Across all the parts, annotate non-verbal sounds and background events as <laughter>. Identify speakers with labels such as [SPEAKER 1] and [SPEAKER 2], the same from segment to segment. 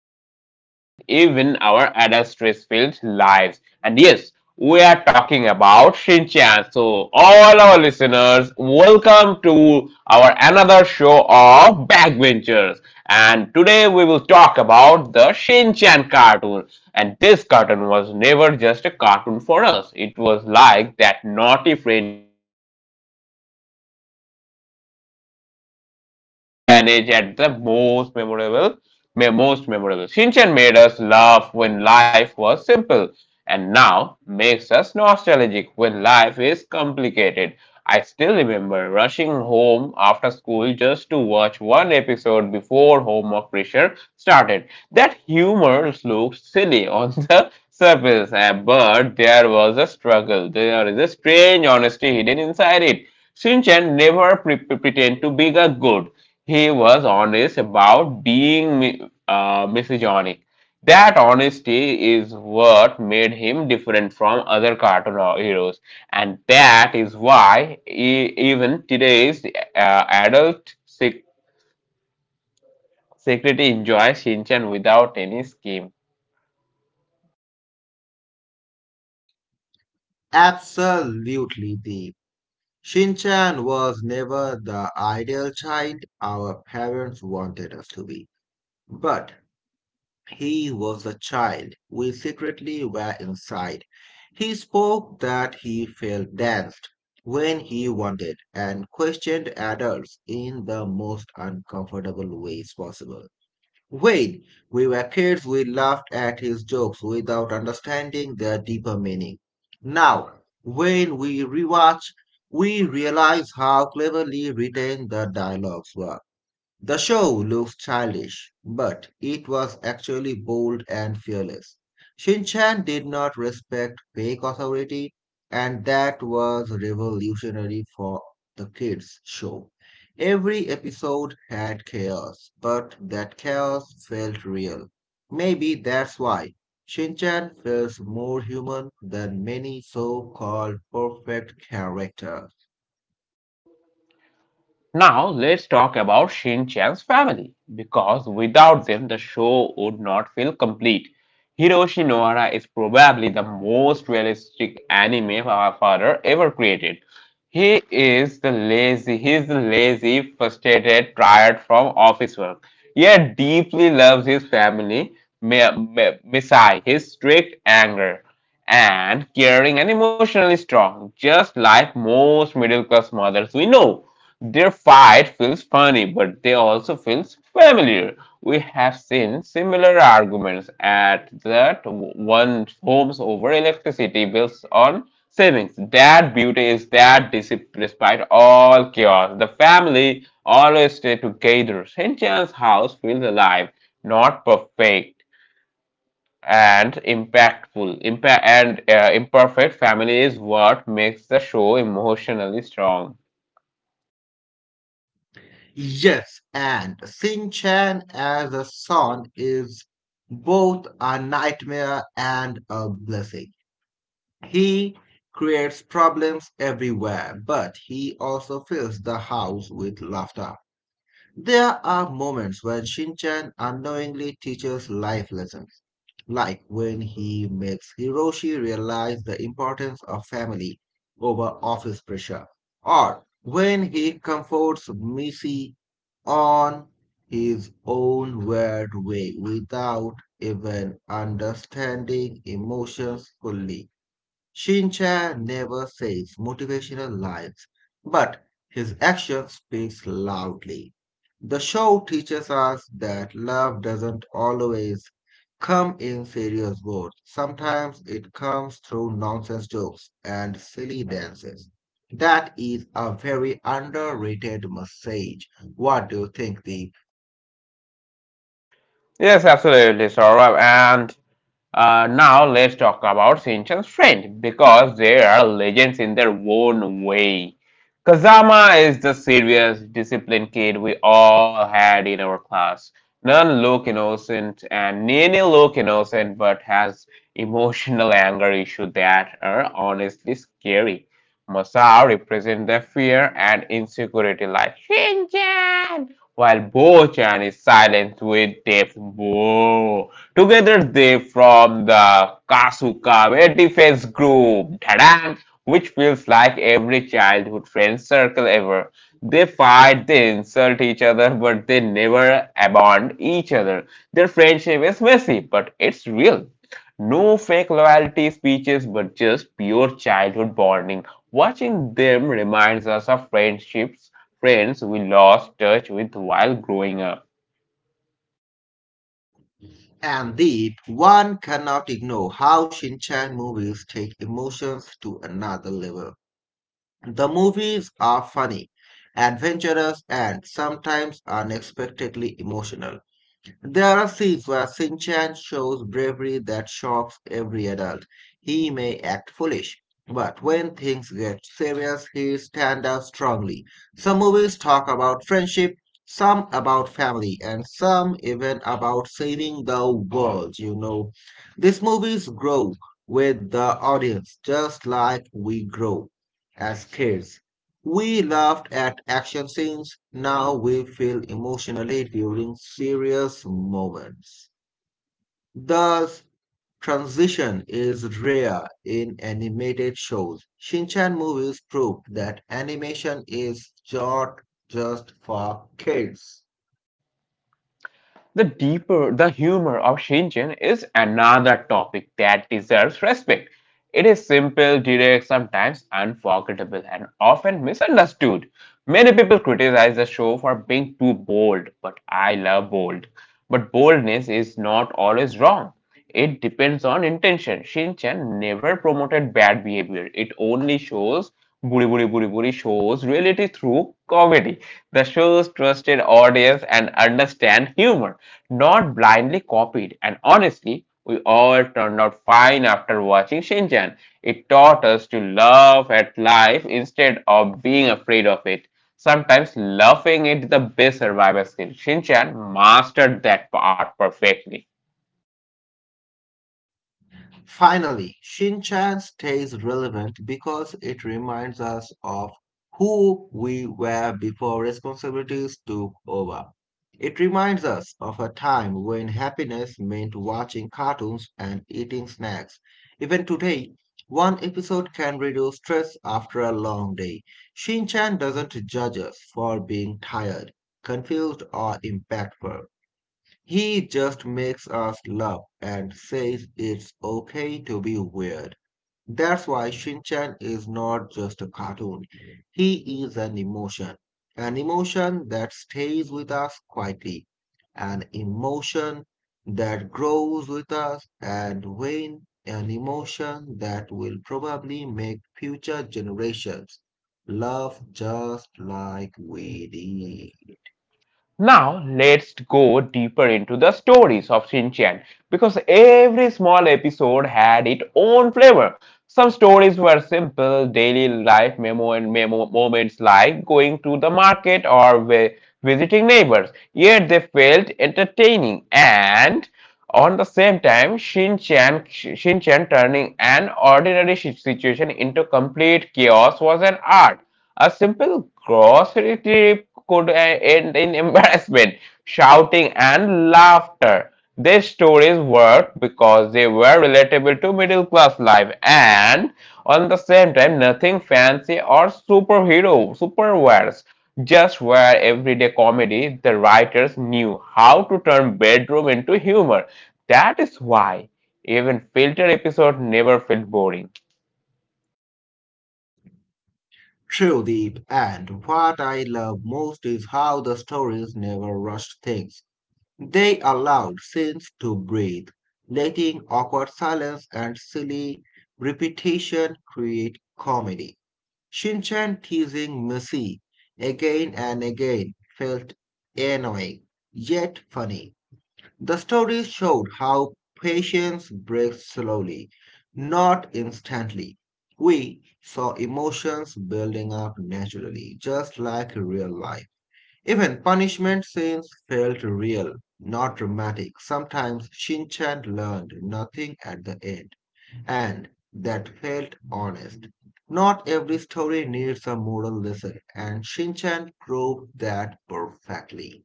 [SPEAKER 1] teenagers and even our adult stress filled lives. And yes, we are talking about Shinchan. So all our listeners, welcome to our another show of Backbenchers. And today we will talk about the Shinchan cartoon. And this cartoon was never just a cartoon for us. It was like that naughty friend in school who always sat at the last bench and still managed at the most memorable. Shinchan made us laugh when life was simple and now makes us nostalgic when life is complicated. I still remember rushing home after school just to watch one episode before homework pressure started. That humor looks silly on <laughs> the surface, but there was a struggle. There is a strange honesty hidden inside it. Shinchan never pretended to be a good. He was honest about being misogynic. That honesty is what made him different from other cartoon heroes, and that is why even today's uh, adult sec- secretly enjoys Shinchan without any scheme.
[SPEAKER 2] Absolutely deep. Shinchan was never the ideal child our parents wanted us to be. But he was the child we secretly were inside. He spoke that he felt danced when he wanted and questioned adults in the most uncomfortable ways possible. When we were kids, we laughed at his jokes without understanding their deeper meaning. Now, when we rewatch, we realize how cleverly written the dialogues were. The show looked childish, but it was actually bold and fearless. Shin Chan did not respect fake authority, and that was revolutionary for the kids' show. Every episode had chaos, but that chaos felt real. Maybe that's why Shin Chan feels more human than many so called perfect characters.
[SPEAKER 1] Now let's talk about Shin Chan's family, because without them the show would not feel complete. Hiroshi Nohara is probably the most realistic anime father ever created. He is the lazy, frustrated, tired from office work, yet deeply loves his family. Masai, his strict anger and caring and emotionally strong, just like most middle class mothers we know. Their fight feels funny, but they also feels familiar. We have seen similar arguments at that one homes over electricity bills on savings. That beauty is that despite all chaos, the family always stay together. St. John's house feels alive, not perfect and impactful. Impa- and Imperfect family is what makes the show emotionally strong.
[SPEAKER 2] Yes, and Shin Chan as a son is both a nightmare and a blessing. He creates problems everywhere, but he also fills the house with laughter. There are moments when Shin Chan unknowingly teaches life lessons, like when he makes Hiroshi realize the importance of family over office pressure, or when he comforts Missy on his own weird way without even understanding emotions fully. Shincha never says motivational lines, but his action speaks loudly. The show teaches us that love doesn't always come in serious words. Sometimes it comes through nonsense jokes and silly dances. That is a very underrated message. What do you think, Deep?
[SPEAKER 1] Yes, absolutely, Saurabh. And Now let's talk about Shinchan's friend because they are legends in their own way. Kazama is the serious, disciplined kid we all had in our class. None look innocent and Nene look innocent but has emotional anger issues that are honestly scary. Masao represents the fear and insecurity like Shinchan, while Bo-chan is silent with Death Bo. Together they form the Kasuka, a defense group, tadam, which feels like every childhood friend circle ever. They fight, they insult each other, but they never abandon each other. Their friendship is messy, but it's real. No fake loyalty speeches, but just pure childhood bonding. Watching them reminds us of friendships, friends we lost touch with while growing up.
[SPEAKER 2] And Deep, one cannot ignore how Shinchan movies take emotions to another level. The movies are funny, adventurous, and sometimes unexpectedly emotional. There are scenes where Shin-chan shows bravery that shocks every adult. He may act foolish, but when things get serious, he stands up strongly. Some movies talk about friendship, some about family, and some even about saving the world, you know. These movies grow with the audience just like we grow as kids. We laughed at action scenes. Now we feel emotionally during serious moments. Thus, transition is rare in animated shows. Shinchan movies prove that animation is not just for kids.
[SPEAKER 1] The deeper the humor of Shinchan is another topic that deserves respect. It is simple, direct, sometimes unforgettable, and often misunderstood. Many people criticize the show for being too bold, but I love bold. But boldness is not always wrong. It depends on intention. Shinchan never promoted bad behavior. It only shows Buri Buri Buri Buri shows reality through comedy. The show's trusted audience and understand humor, not blindly copied. And honestly, we all turned out fine after watching Shinchan. It taught us to laugh at life instead of being afraid of it. Sometimes laughing is the best survival skill. Shinchan mastered that part perfectly.
[SPEAKER 2] Finally, Shinchan stays relevant because it reminds us of who we were before responsibilities took over. It reminds us of a time when happiness meant watching cartoons and eating snacks. Even today, one episode can reduce stress after a long day. Shinchan doesn't judge us for being tired, confused, or impactful. He just makes us laugh and says it's okay to be weird. That's why Shinchan is not just a cartoon. He is an emotion. An emotion that stays with us quietly. An emotion that grows with us and when an emotion that will probably make future generations love just like we did.
[SPEAKER 1] Now, let's go deeper into the stories of Shin Chan because every small episode had its own flavor. Some stories were simple daily life memo moments like going to the market or visiting neighbors, yet they felt entertaining and on the same time, Shin Chan turning an ordinary situation into complete chaos was an art. A simple grocery trip could end in embarrassment, shouting, and laughter. These stories worked because they were relatable to middle class life, and on the same time nothing fancy or superhero superwares, just where everyday comedy. The writers knew how to turn bedroom into humor. That is why even filter episode never felt boring.
[SPEAKER 2] Shivdeep, and what I love most is how the stories never rushed things. They allowed scenes to breathe, letting awkward silence and silly repetition create comedy. Shinchan teasing Missy again and again felt annoying, yet funny. The story showed how patience breaks slowly, not instantly. We saw emotions building up naturally, just like real life. Even punishment scenes felt real, not dramatic. Sometimes Shinchan learned nothing at the end, and that felt honest. Not every story needs a moral lesson, and Shinchan proved that perfectly.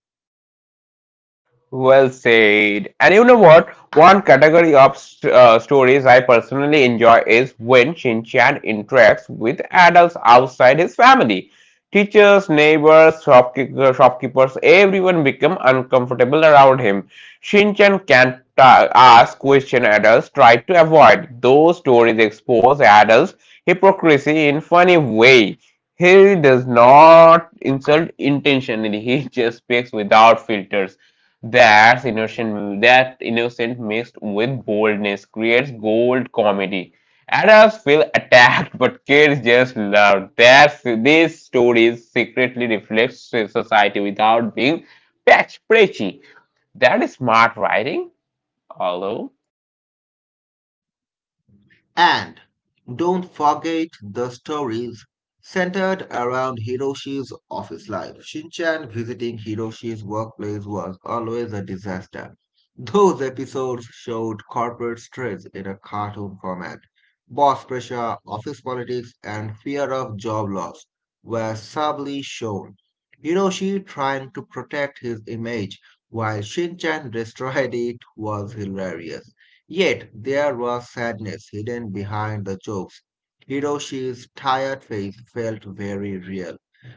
[SPEAKER 1] Well said. And you know what? One category of stories I personally enjoy is when Shin-chan interacts with adults outside his family. Teachers, neighbors, shopkeepers, everyone become uncomfortable around him. Shin-chan can ask question adults try to avoid. Those stories expose adults hypocrisy in funny way. He does not insult intentionally. He just speaks without filters. That innocent mixed with boldness creates gold comedy. Adults feel attacked, but kids just love. That's these stories secretly reflect society without being patch preachy. That is smart writing, although.
[SPEAKER 2] And don't forget the stories centered around Hiroshi's office life. Shinchan visiting Hiroshi's workplace was always a disaster. Those episodes showed corporate stress in a cartoon format. Boss pressure, office politics, and fear of job loss were subtly shown. Hiroshi trying to protect his image while Shinchan <laughs> destroyed it was hilarious. Yet there was sadness hidden behind the jokes. Hiroshi's tired face felt very real.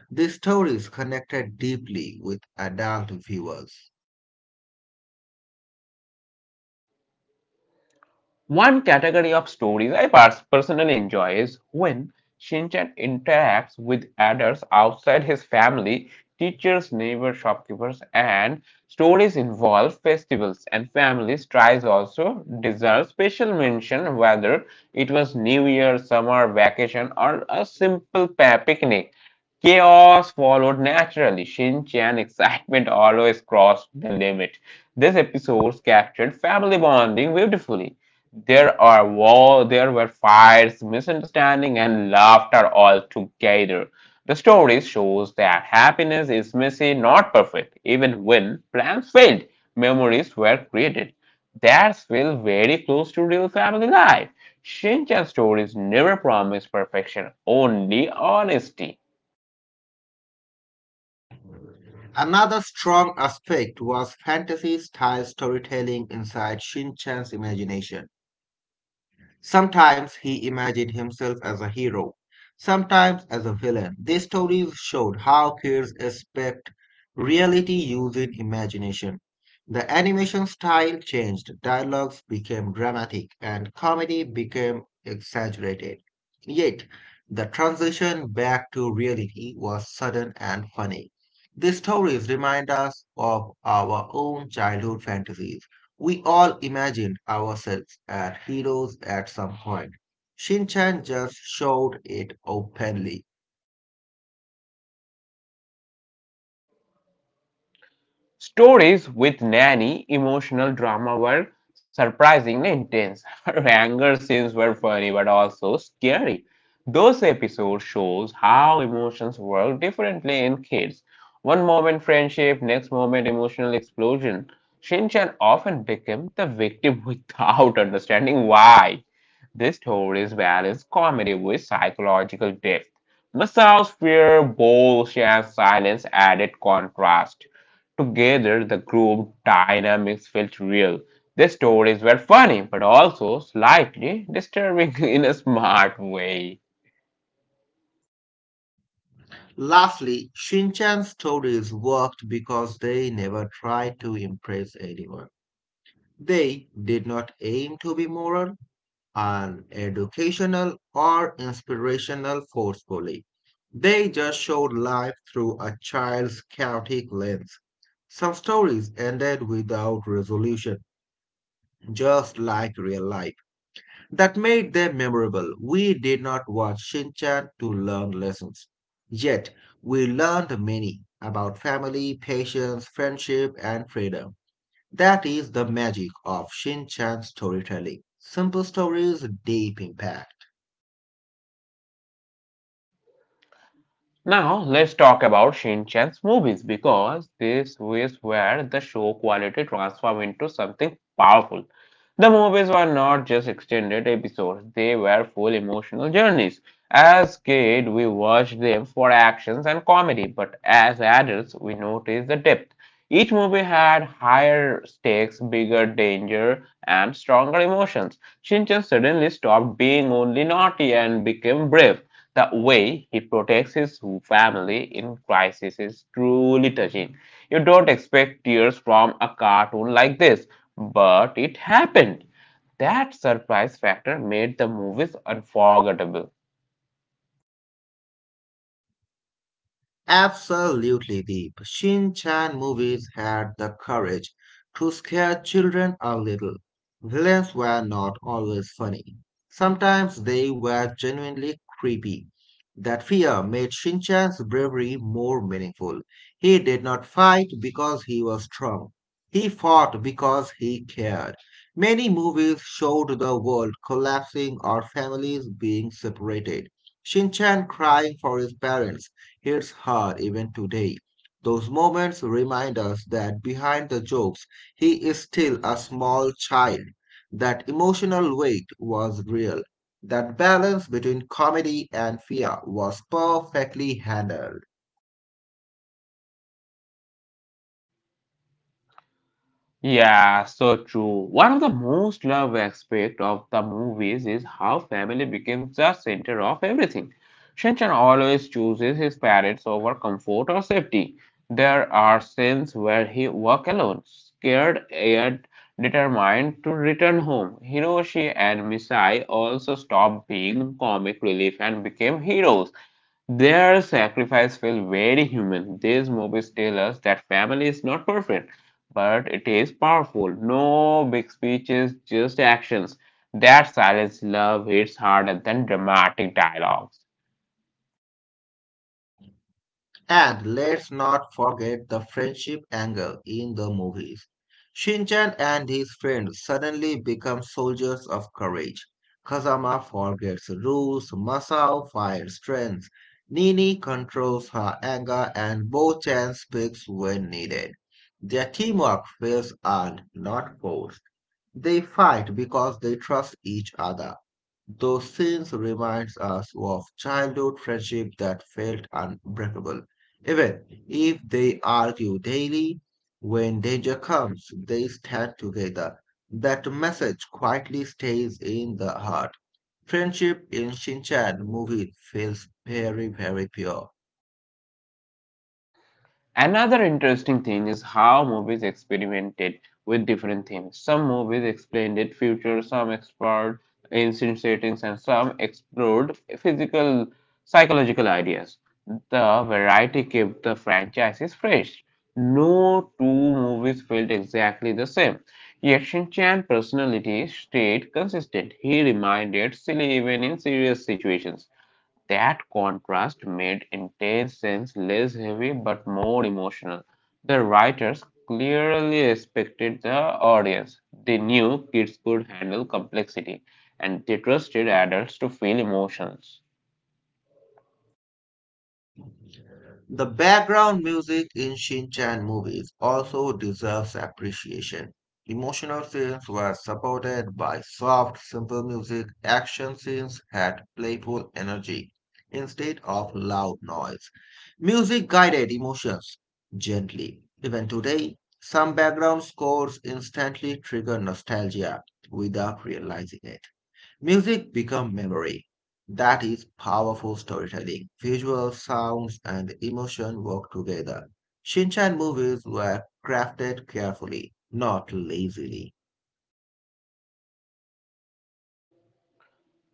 [SPEAKER 2] These stories connected deeply with adult viewers.
[SPEAKER 1] One category of stories I personally enjoy is when Shinchan interacts with adults outside his family: teachers, neighbors, shopkeepers, and stories involve festivals and families. Tries also deserve special mention whether it was New Year, summer vacation, or a simple picnic. Chaos followed naturally. Shin Chan excitement always crossed the limit. These episodes captured family bonding beautifully. There were fights, misunderstanding, and laughter all together. The story shows that happiness is messy, not perfect. Even when plans failed, memories were created. That's feel very close to real family life. Shinchan stories never promise perfection, only honesty.
[SPEAKER 2] Another strong aspect was fantasy style storytelling inside Shinchan's imagination. Sometimes he imagined himself as a hero, sometimes as a villain. These stories showed how kids expect reality using imagination. The animation style changed, dialogues became dramatic, and comedy became exaggerated. Yet, the transition back to reality was sudden and funny. These stories remind us of our own childhood fantasies. We all imagined ourselves as heroes at some point. Shinchan just showed it openly.
[SPEAKER 1] Stories with Nanny emotional drama were surprisingly intense. <laughs> Her anger scenes were funny but also scary. Those episodes shows how emotions work differently in kids. One moment friendship, next moment emotional explosion. Shinchan often became the victim <laughs> without understanding why. This stories balance comedy with psychological depth. Masao's fear, boldness, and silence added contrast. Together, the group dynamics felt real. The stories were funny, but also slightly disturbing <laughs> in a smart way.
[SPEAKER 2] Lastly, Shinchan's stories worked because they never tried to impress anyone. They did not aim to be moral, and educational, or inspirational forcefully. They just showed life through a child's chaotic lens. Some stories ended without resolution, just like real life. That made them memorable. We did not watch Shin Chan to learn lessons. Yet, we learned many about family, patience, friendship, and freedom. That is the magic of Shin Chan storytelling. Simple stories, deep impact.
[SPEAKER 1] Now let's talk about Shin-chan's movies because this is where the show quality transformed into something powerful. The movies were not just extended episodes, they were full emotional journeys. As kids, we watched them for actions and comedy, but as adults, we noticed the depth. Each movie had higher stakes, bigger danger, and stronger emotions. Shinchan suddenly stopped being only naughty and became brave. The way he protects his family in crisis is truly touching. You don't expect tears from a cartoon like this, but it happened. That surprise factor made the movies unforgettable.
[SPEAKER 2] Absolutely, the Shin Chan movies had the courage to scare children a little. Villains were not always funny. Sometimes they were genuinely creepy. That fear made Shin Chan's bravery more meaningful. He did not fight because he was strong. He fought because he cared. Many movies showed the world collapsing or families being separated. Shin Chan crying for his parents hits hard even today. Those moments remind us that behind the jokes, he is still a small child. That emotional weight was real. That balance between comedy and fear was perfectly handled.
[SPEAKER 1] Yeah, so true. One of the most loved aspects of the movies is how family becomes the center of everything. Shinchan always chooses his parents over comfort or safety. There are scenes where he walks alone, scared yet determined to return home. Hiroshi and Misai also stop being comic relief and became heroes. Their sacrifice felt very human. These movies tell us that family is not perfect, but it is powerful. No big speeches, just actions. That silence love hits harder than dramatic dialogues.
[SPEAKER 2] And let's not forget the friendship angle in the movies. Shinchan and his friends suddenly become soldiers of courage. Kazama forgets rules, Masao fires strength, Nini controls her anger, and Bo-chan speaks when needed. Their teamwork feels earned, not forced. They fight because they trust each other. Those scenes reminds us of childhood friendship that felt unbreakable. Even if they argue daily, when danger comes, they stand together. That message quietly stays in the heart. Friendship in Shinchan movie feels very, very pure.
[SPEAKER 1] Another interesting thing is how movies experimented with different themes. Some movies explained it future, some explored ancient settings, and some explored physical psychological ideas. The variety kept the franchises fresh. No two movies felt exactly the same. Yet Shin Chan's personality stayed consistent. He reminded silly even in serious situations. That contrast made intense scenes less heavy but more emotional. The writers clearly respected the audience. They knew kids could handle complexity, and they trusted adults to feel emotions.
[SPEAKER 2] The background music in Shin Chan movies also deserves appreciation. Emotional scenes were supported by soft, simple music. Action scenes had playful energy instead of loud noise. Music guided emotions gently. Even today, some background scores instantly trigger nostalgia without realizing it. Music become memory. That is powerful storytelling. Visual sounds and emotion work together. Shinchan movies were crafted carefully, not lazily.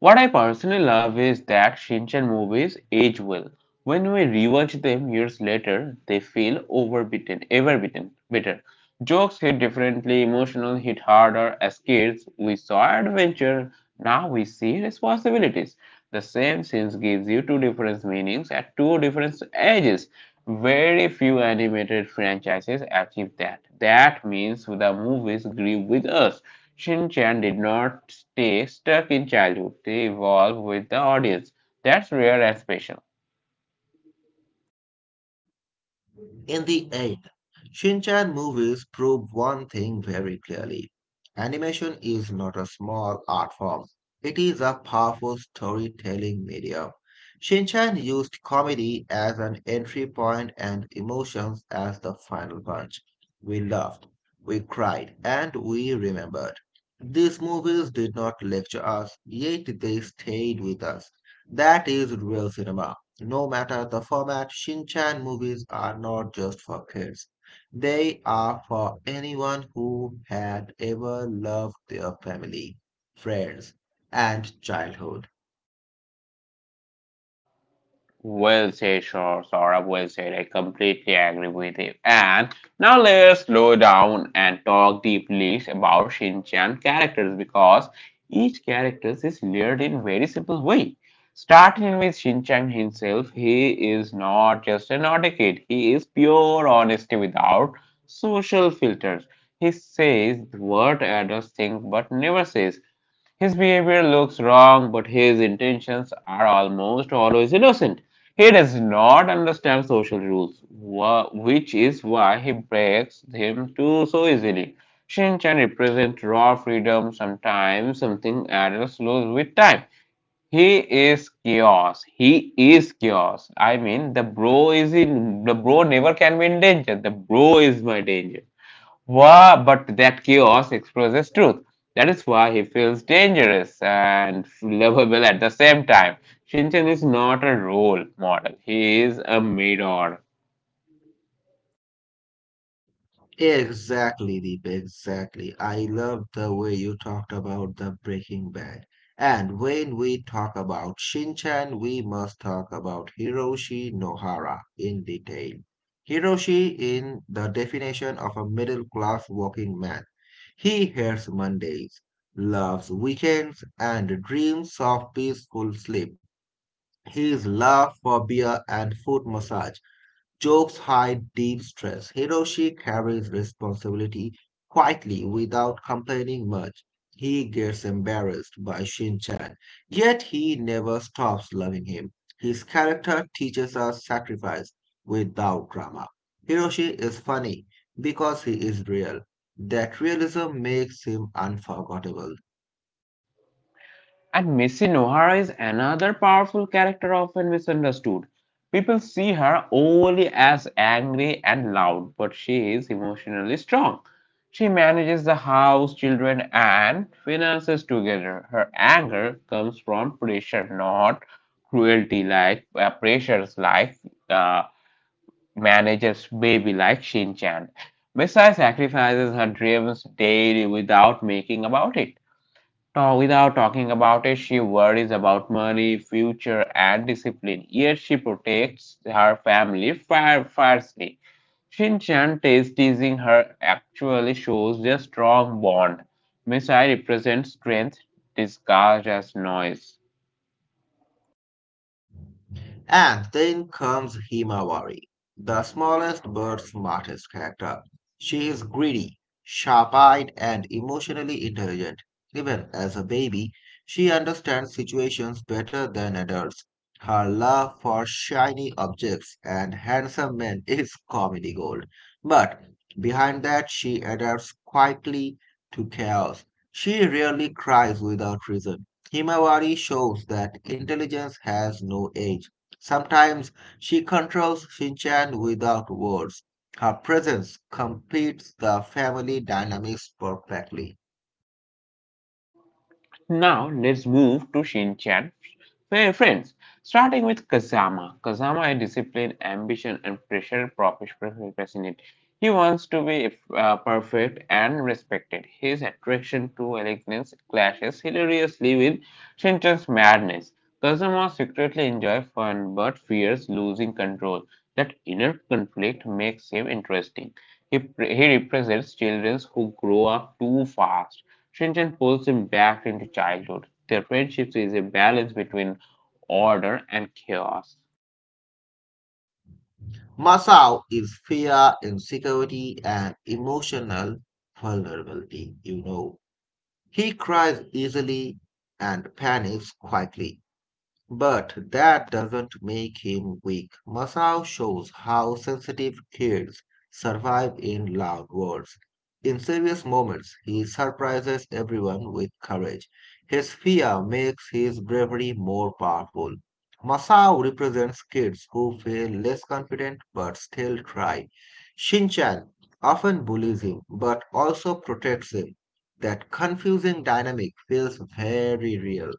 [SPEAKER 1] What I personally love is that Shinchan movies age well. When we rewatch them years later, they feel overbitten, bitter. Jokes hit differently, emotional hit harder. As kids, we saw adventure, now we see responsibilities. The same scene gives you two different meanings at two different ages. Very few animated franchises achieve that. That means the movies grew with us. Shin Chan did not stay stuck in childhood, they evolved with the audience. That's rare and special.
[SPEAKER 2] In the end, Shinchan movies prove one thing very clearly. Animation is not a small art form. It is a powerful storytelling medium. Shinchan used comedy as an entry point and emotions as the final punch. We laughed, we cried, and we remembered. These movies did not lecture us, yet they stayed with us. That is real cinema. No matter the format, Shin Chan movies are not just for kids. They are for anyone who had ever loved their family, friends, and childhood.
[SPEAKER 1] Well said, sure, Saurabh. Well said. I completely agree with you. And now let's slow down and talk deeply about Shinchan characters because each character is layered in very simple way. Starting with Shinchan himself, he is not just an naughty kid. He is pure honesty without social filters. He says what others think but never says. His behavior looks wrong, but his intentions are almost always innocent. He does not understand social rules, which is why he breaks them too so easily. Shin Chan represents raw freedom, sometimes something adults lose with time. He is chaos. He is chaos. I mean, the bro never can be in danger. The bro is my danger. Wah, but that chaos expresses truth. That is why he feels dangerous and lovable at the same time. Shinchan is not a role model, he is a mirror.
[SPEAKER 2] Exactly, Deep, exactly. I love the way you talked about the Breaking Bad. And when we talk about Shin Chan, we must talk about Hiroshi Nohara in detail. Hiroshi, in the definition of a middle class working man, he hates Mondays, loves weekends, and dreams of peaceful sleep. His love for beer and foot massage jokes hide deep stress. Hiroshi carries responsibility quietly without complaining much. He gets embarrassed by Shin-chan, yet he never stops loving him. His character teaches us sacrifice without drama. Hiroshi is funny because he is real. That realism makes him unforgettable.
[SPEAKER 1] And Missy Nohara is another powerful character often misunderstood. People see her only as angry and loud, but she is emotionally strong. She manages the house, children, and finances together. Her anger comes from pressure, not cruelty, like pressures like uh, manager's baby, like Shin-chan. Messiah sacrifices her dreams daily without making about it. Now, without talking about it, she worries about money, future, and discipline. Yet she protects her family fiercely. Shin Chan is teasing her actually shows their strong bond. Misai represents strength disguised as noise.
[SPEAKER 2] And then comes Himawari, the smallest but smartest character. She is greedy, sharp eyed, and emotionally intelligent. Even as a baby, she understands situations better than adults. Her love for shiny objects and handsome men is comedy gold. But behind that, she adapts quietly to chaos. She rarely cries without reason. Himawari shows that intelligence has no age. Sometimes she controls Shinchan without words. Her presence completes the family dynamics perfectly.
[SPEAKER 1] Now let's move to Shinchan friends, starting with Kazama. Kazama is discipline, ambition, and pressure fascinate. He wants to be perfect and respected. His attraction to elegance clashes hilariously with Shinchan's madness. Kazama secretly enjoys fun but fears losing control. That inner conflict makes him interesting. He represents children who grow up too fast. Shinten pulls him back into childhood. Their friendship is a balance between order and chaos.
[SPEAKER 2] Masao is fear, insecurity, and emotional vulnerability, you know. He cries easily and panics quietly. But that doesn't make him weak. Masao shows how sensitive kids survive in loud worlds. In serious moments, he surprises everyone with courage. His fear makes his bravery more powerful. Masao represents kids who feel less confident but still try. Shinchan often bullies him but also protects him. That confusing dynamic feels very real.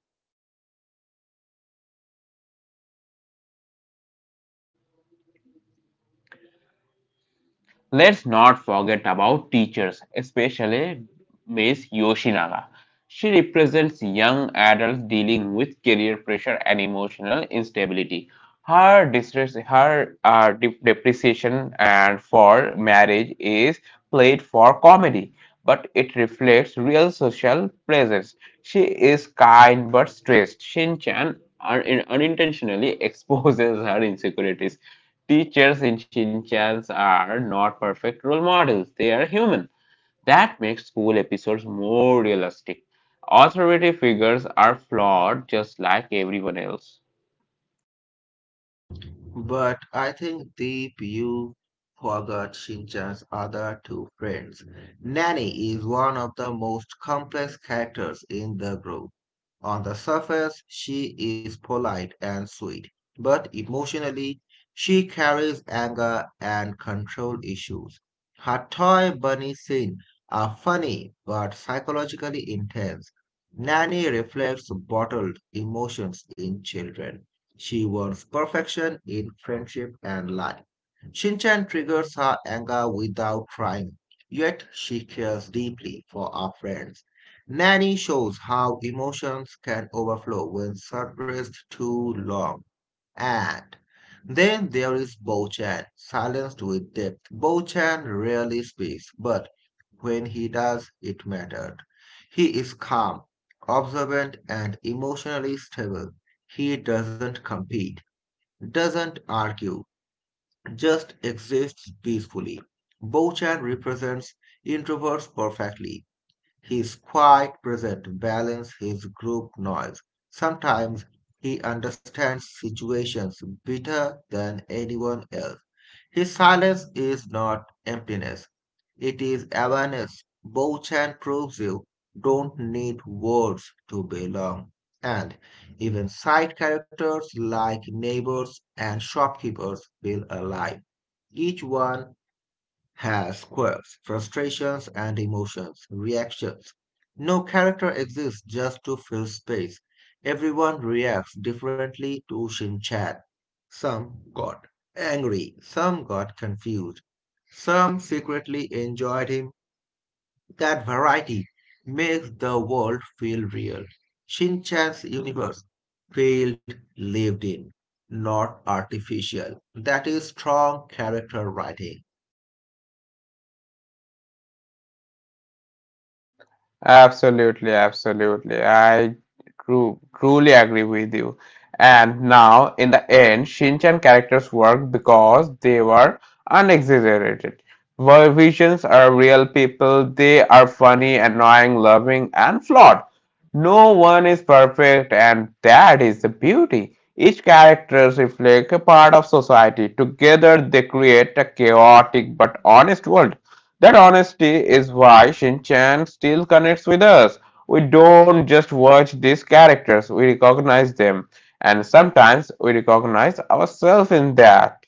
[SPEAKER 1] Let's not forget about teachers, especially Miss Yoshinaga. She represents young adults dealing with career pressure and emotional instability. Her depreciation and for marriage is played for comedy, but it reflects real social pressures. She is kind but stressed. Shin Chan unintentionally <laughs> exposes her insecurities. Teachers in Shinchans are not perfect role models, they are human. That makes school episodes more realistic. Authority figures are flawed just like everyone else.
[SPEAKER 2] But I think Deep, you forgot Shinchan's other two friends. Nanny is one of the most complex characters in the group. On the surface, she is polite and sweet, but emotionally, she carries anger and control issues. Her toy bunny scenes are funny but psychologically intense. Nanny reflects bottled emotions in children. She wants perfection in friendship and life. Shinchan triggers her anger without trying, yet she cares deeply for our friends. Nanny shows how emotions can overflow when suppressed too long. And then there is Bo-chan, silenced with depth. Bo-chan rarely speaks, but when he does, it mattered. He is calm, observant, and emotionally stable. He doesn't argue, just exists peacefully. Bochan represents introverts perfectly. His quiet presence balances his group noise. Sometimes he understands situations better than anyone else. His silence is not emptiness, it is awareness. Bochan proves you don't need words to belong. And even side characters like neighbors and shopkeepers feel alive. Each one has quirks, frustrations, and emotions, reactions. No character exists just to fill space. Everyone reacts differently to Shin Chan. Some got angry, some got confused, some secretly enjoyed him. That variety makes the world feel real. Shin Chan's universe felt lived in, not artificial. That is strong character writing.
[SPEAKER 1] Absolutely, absolutely. I truly agree with you. And now, in the end, Shinchan characters work because they were unexaggerated. World visions are real people. They are funny, annoying, loving, and flawed. No one is perfect, and that is the beauty. Each character reflects a part of society. Together, they create a chaotic but honest world. That honesty is why Shin Chan still connects with us. We don't just watch these characters, we recognize them, and sometimes we recognize ourselves in that.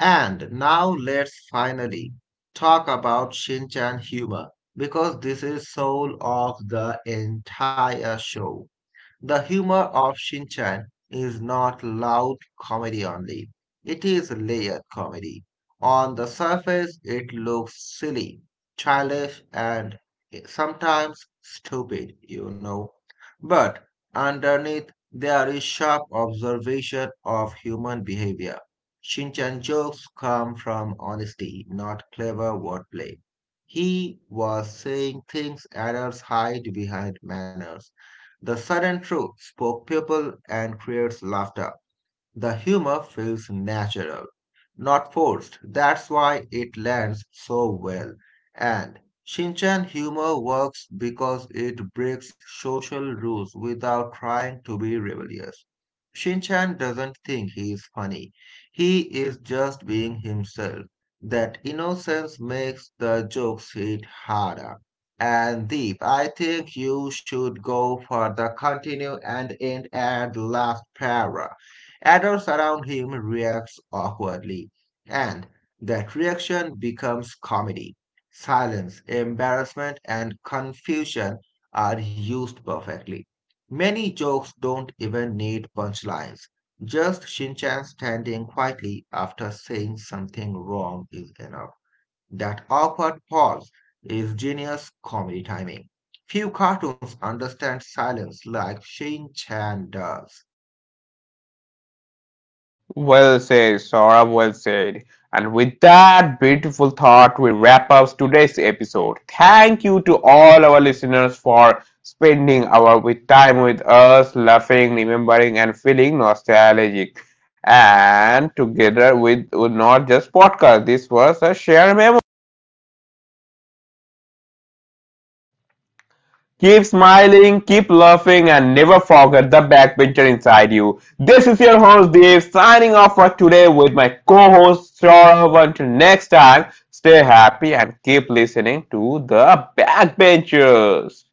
[SPEAKER 2] And now let's finally talk about Shinchan humor because this is soul of the entire show. The humor of Shinchan is not loud comedy only. It is layered comedy. On the surface, it looks silly, childish, and sometimes stupid, you know. But underneath, there is sharp observation of human behavior. Shinchan jokes come from honesty, not clever wordplay. He was saying things adults hide behind manners, the sudden truth spoke people and creates laughter. The humor feels natural, not forced. That's why it lands so well. And Shinchan humor works because it breaks social rules without trying to be rebellious. Shinchan doesn't think he is funny. He is just being himself. That innocence makes the jokes hit harder. And Deep, I think you should go for the continue and end at the last paragraph. Adults around him reacts awkwardly, and that reaction becomes comedy. Silence, embarrassment, and confusion are used perfectly. Many jokes don't even need punchlines. Just Shinchan standing quietly after saying something wrong is enough. That awkward pause is genius comedy timing. Few cartoons understand silence like Shin Chan does.
[SPEAKER 1] Well said, Saurabh, well said. And with that beautiful thought, we wrap up today's episode. Thank you to all our listeners for spending our with time with us, laughing, remembering, and feeling nostalgic. And together with not just podcast, this was a shared memory. Keep smiling, keep laughing, and never forget the backbencher inside you. This is your host Dave signing off for today with my co-host Saurabh. Until next time, stay happy and keep listening to the backbenchers.